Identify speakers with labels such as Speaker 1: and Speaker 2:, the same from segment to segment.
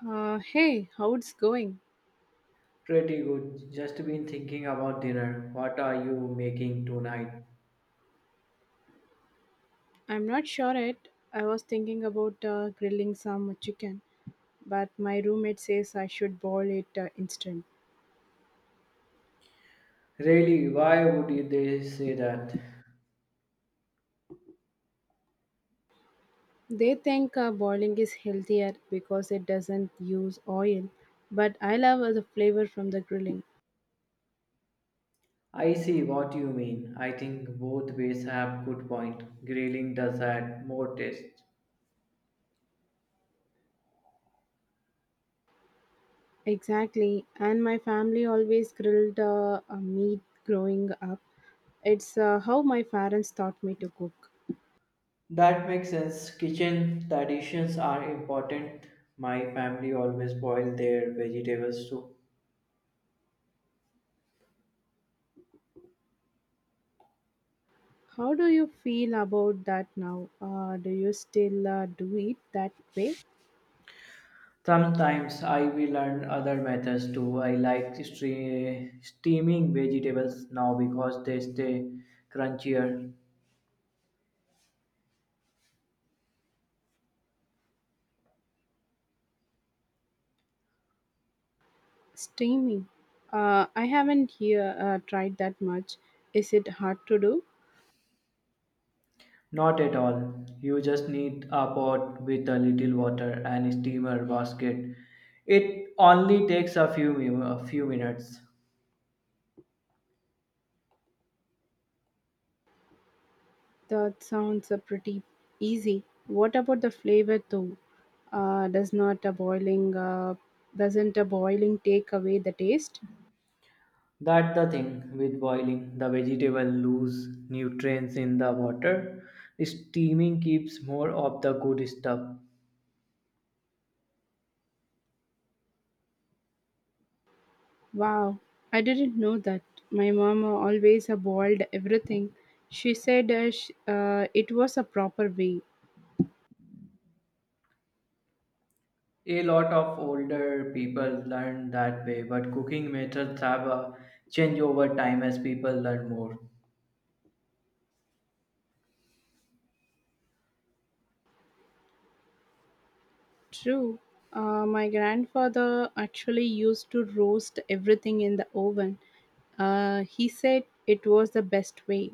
Speaker 1: Hey, how it's going?
Speaker 2: Pretty good. Just been thinking about dinner. What are you making tonight?
Speaker 1: I'm not sure yet. I was thinking about grilling some chicken, but my roommate says I should boil it instant.
Speaker 2: Really, why would they say that?
Speaker 1: They think boiling is healthier because it doesn't use oil, but I love the flavor from the grilling.
Speaker 2: I see what you mean. I think both ways have good point. Grilling does add more taste.
Speaker 1: Exactly, and my family always grilled meat growing up. It's how my parents taught me to cook.
Speaker 2: That makes sense. Kitchen traditions are important. My family always boil their vegetables too.
Speaker 1: How do you feel about that now? Do you still do it that way?
Speaker 2: Sometimes I will learn other methods too. I like steaming vegetables now because they stay crunchier.
Speaker 1: Streaming. I haven't here tried that much. Is it hard to do?
Speaker 2: Not at all. You just need a pot with a little water and steamer basket. It only takes a few minutes.
Speaker 1: That sounds pretty easy. What about the flavor though? Uh, does not a boiling uh, doesn't a boiling take away the taste?
Speaker 2: That's the thing with boiling. The vegetable lose nutrients in the water. Steaming keeps more of the good stuff.
Speaker 1: Wow, I didn't know that. My mom always boiled everything. She said it was a proper way.
Speaker 2: A lot of older people learn that way, but cooking methods have a change over time as people learn more.
Speaker 1: True. My grandfather actually used to roast everything in the oven. He said it was the best way.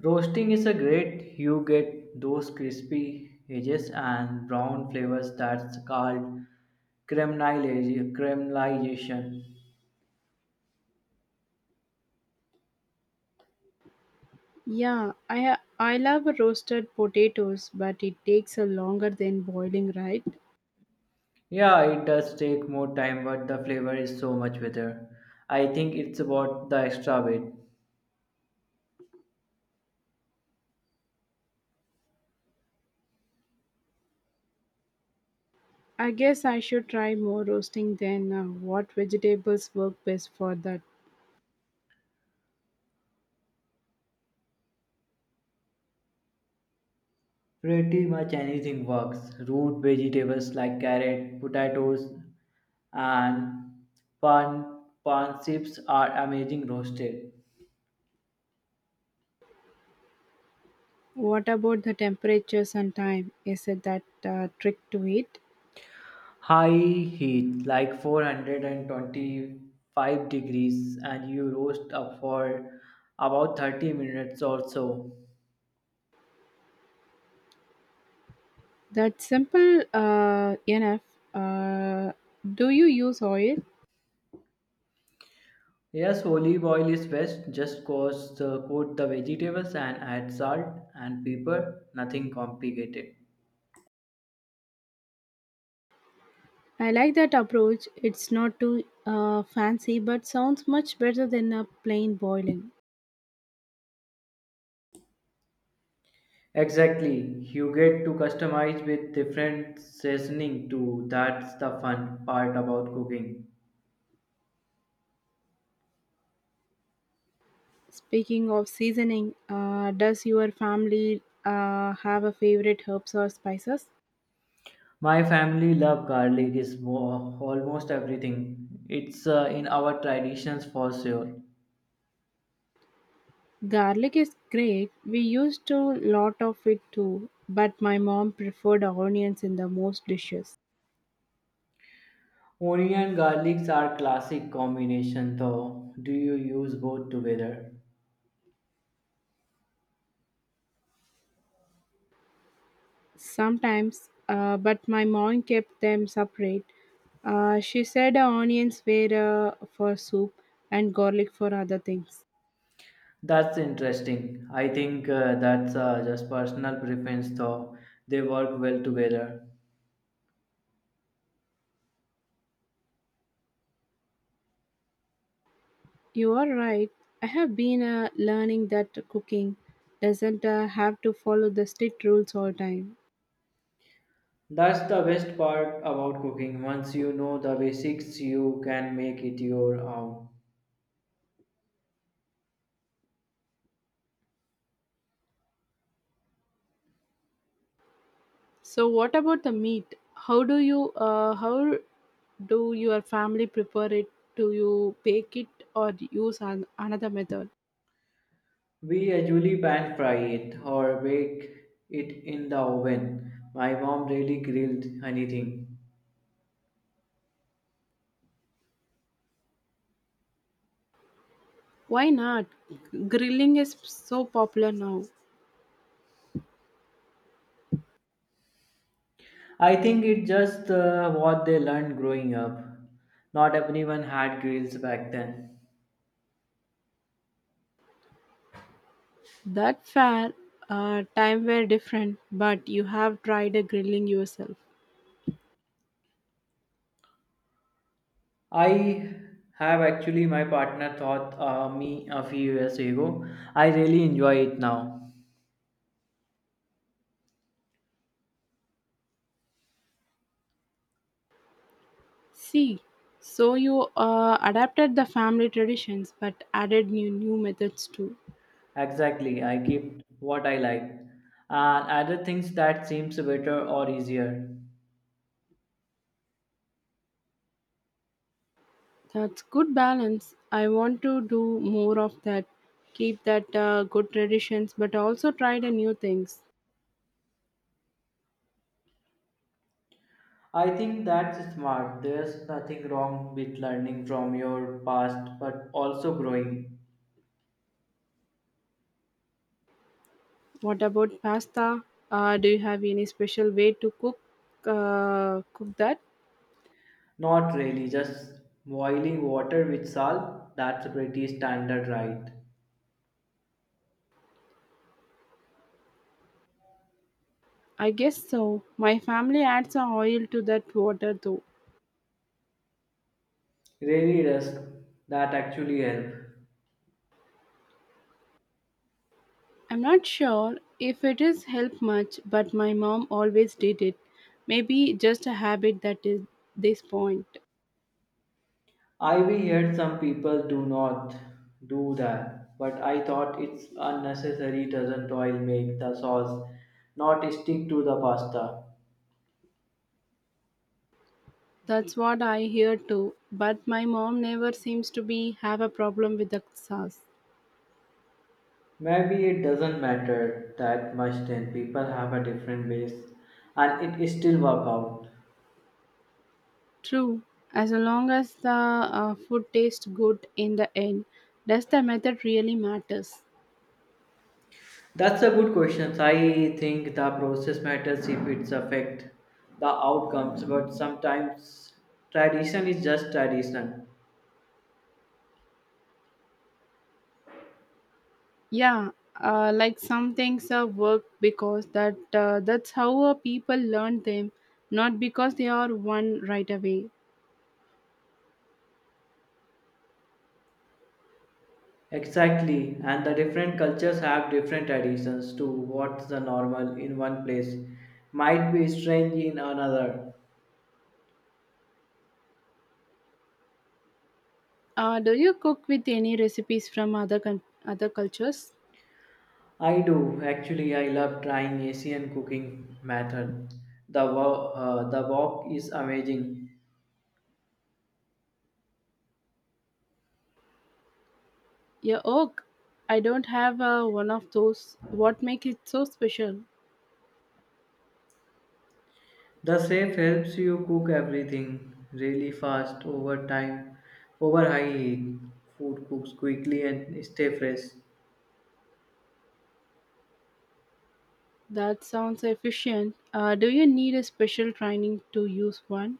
Speaker 2: Roasting is a great. You get those crispy edges and brown flavors that's called caramelization.
Speaker 1: Yeah, I love roasted potatoes, but it takes a longer than boiling, right?
Speaker 2: Yeah, it does take more time, but the flavor is so much better. I think it's about the extra weight.
Speaker 1: I guess I should try more roasting then. What vegetables work best for that?
Speaker 2: Pretty much anything works. Root vegetables like carrot, potatoes, and pan pan chips are amazing roasted.
Speaker 1: What about the temperatures and time? Is it that trick to it?
Speaker 2: High heat, like 425 degrees, and you roast up for about 30 minutes or so.
Speaker 1: That simple enough. Uh, do you use oil?
Speaker 2: Yes, olive oil is best. Just coat the vegetables and add salt and pepper. Nothing complicated.
Speaker 1: I like that approach. It's not too fancy, but sounds much better than a plain boiling.
Speaker 2: Exactly. You get to customize with different seasoning too. That's the fun part about cooking.
Speaker 1: Speaking of seasoning, does your family have a favorite herbs or spices?
Speaker 2: My family love garlic is almost everything. It's in our traditions for sure.
Speaker 1: Garlic is great. We used to lot of it too, but my mom preferred onions in the most dishes.
Speaker 2: Onion and garlics are classic combination though. Do you use both together?
Speaker 1: Sometimes, but my mom kept them separate. She said onions were for soup and garlic for other things.
Speaker 2: That's interesting. I think that's just personal preference though. They work well together.
Speaker 1: You are right. I have been learning that cooking doesn't have to follow the strict rules all time.
Speaker 2: That's the best part about cooking. Once you know the basics, you can make it your own.
Speaker 1: So what about the meat? How do you how do your family prepare it? Do you bake it or use another method?
Speaker 2: We usually pan fry it or bake it in the oven. My mom really grilled anything.
Speaker 1: Why not? Grilling is so popular now.
Speaker 2: I think it's just what they learned growing up. Not everyone had grills back then.
Speaker 1: That fair time were different, but you have tried a grilling yourself.
Speaker 2: I have actually my partner taught me a few years ago. I really enjoy it now.
Speaker 1: See, so you adapted the family traditions but added new methods too.
Speaker 2: Exactly, I keep what I like and other things that seems better or easier.
Speaker 1: That's good balance. I want to do more of that. Keep that good traditions but also try the new things.
Speaker 2: I think that's smart. There's nothing wrong with learning from your past, but also growing.
Speaker 1: What about pasta? Do you have any special way to cook cook that?
Speaker 2: Not really, just boiling water with salt. That's pretty standard, right?
Speaker 1: I guess so. My family adds a oil to that water though.
Speaker 2: Really does that actually help?
Speaker 1: I'm not sure if it is help much, but my mom always did it. Maybe just a habit that is this point.
Speaker 2: I we heard some people do not do that, but I thought it's unnecessary. Doesn't oil make the sauce not stick to the pasta?
Speaker 1: That's what I hear too, but my mom never seems to be have a problem with the sauce.
Speaker 2: Maybe it doesn't matter that much then people have a different ways and it still work out.
Speaker 1: True, as long as the food tastes good in the end, does the method really matters?
Speaker 2: That's a good question. I think the process matters if it's affect the outcomes, but sometimes tradition is just tradition.
Speaker 1: Yeah, like some things are work because that's how people learn them, not because they are one right away.
Speaker 2: Exactly, and the different cultures have different traditions to what's the normal in one place might be strange in another.
Speaker 1: Do you cook with any recipes from other other cultures?
Speaker 2: I do actually. I love trying Asian cooking method. The wok is amazing.
Speaker 1: Yeah, oh, I don't have one of those. What makes it so special?
Speaker 2: The chef helps you cook everything really fast over time. Over high heat, food cooks quickly and stay fresh.
Speaker 1: That sounds efficient. Do you need a special training to use one?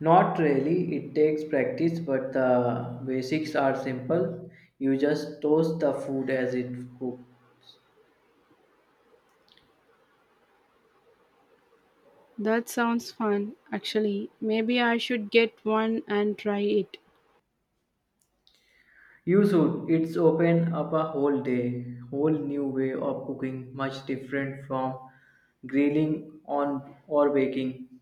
Speaker 2: Not really. It takes practice, but the basics are simple. You just toast the food as it cooks.
Speaker 1: That sounds fun, actually. Maybe I should get one and try it.
Speaker 2: You should. It's open up whole new way of cooking, much different from grilling on or baking.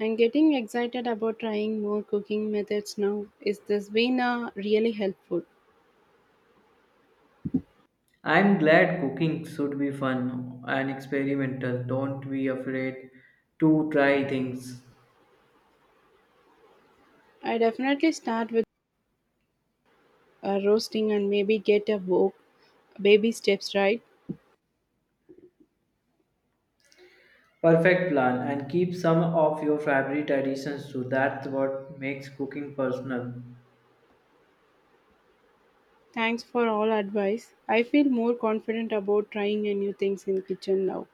Speaker 1: I'm getting excited about trying more cooking methods now. Is this been really helpful?
Speaker 2: I'm glad cooking should be fun and experimental. Don't be afraid to try things.
Speaker 1: I definitely start with roasting and maybe get a wok. Baby steps, right?
Speaker 2: Perfect plan and keep some of your favorite traditions too. That's what makes cooking personal.
Speaker 1: Thanks for all advice. I feel more confident about trying a new things in kitchen now.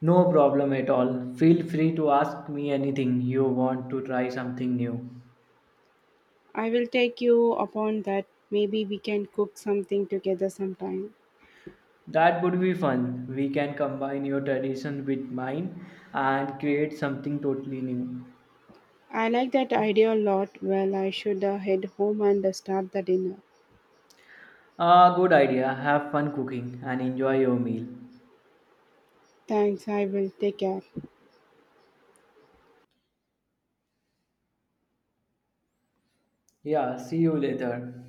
Speaker 2: No problem at all. Feel free to ask me anything you want to try something new.
Speaker 1: I will take you upon that. Maybe we can cook something together sometime.
Speaker 2: That would be fun. We can combine your tradition with mine and create something totally new.
Speaker 1: I like that idea a lot. Well, I should head home and start the dinner.
Speaker 2: Ah, good idea. Have fun cooking and enjoy your meal.
Speaker 1: Thanks, I will take care.
Speaker 2: Yeah, see you later.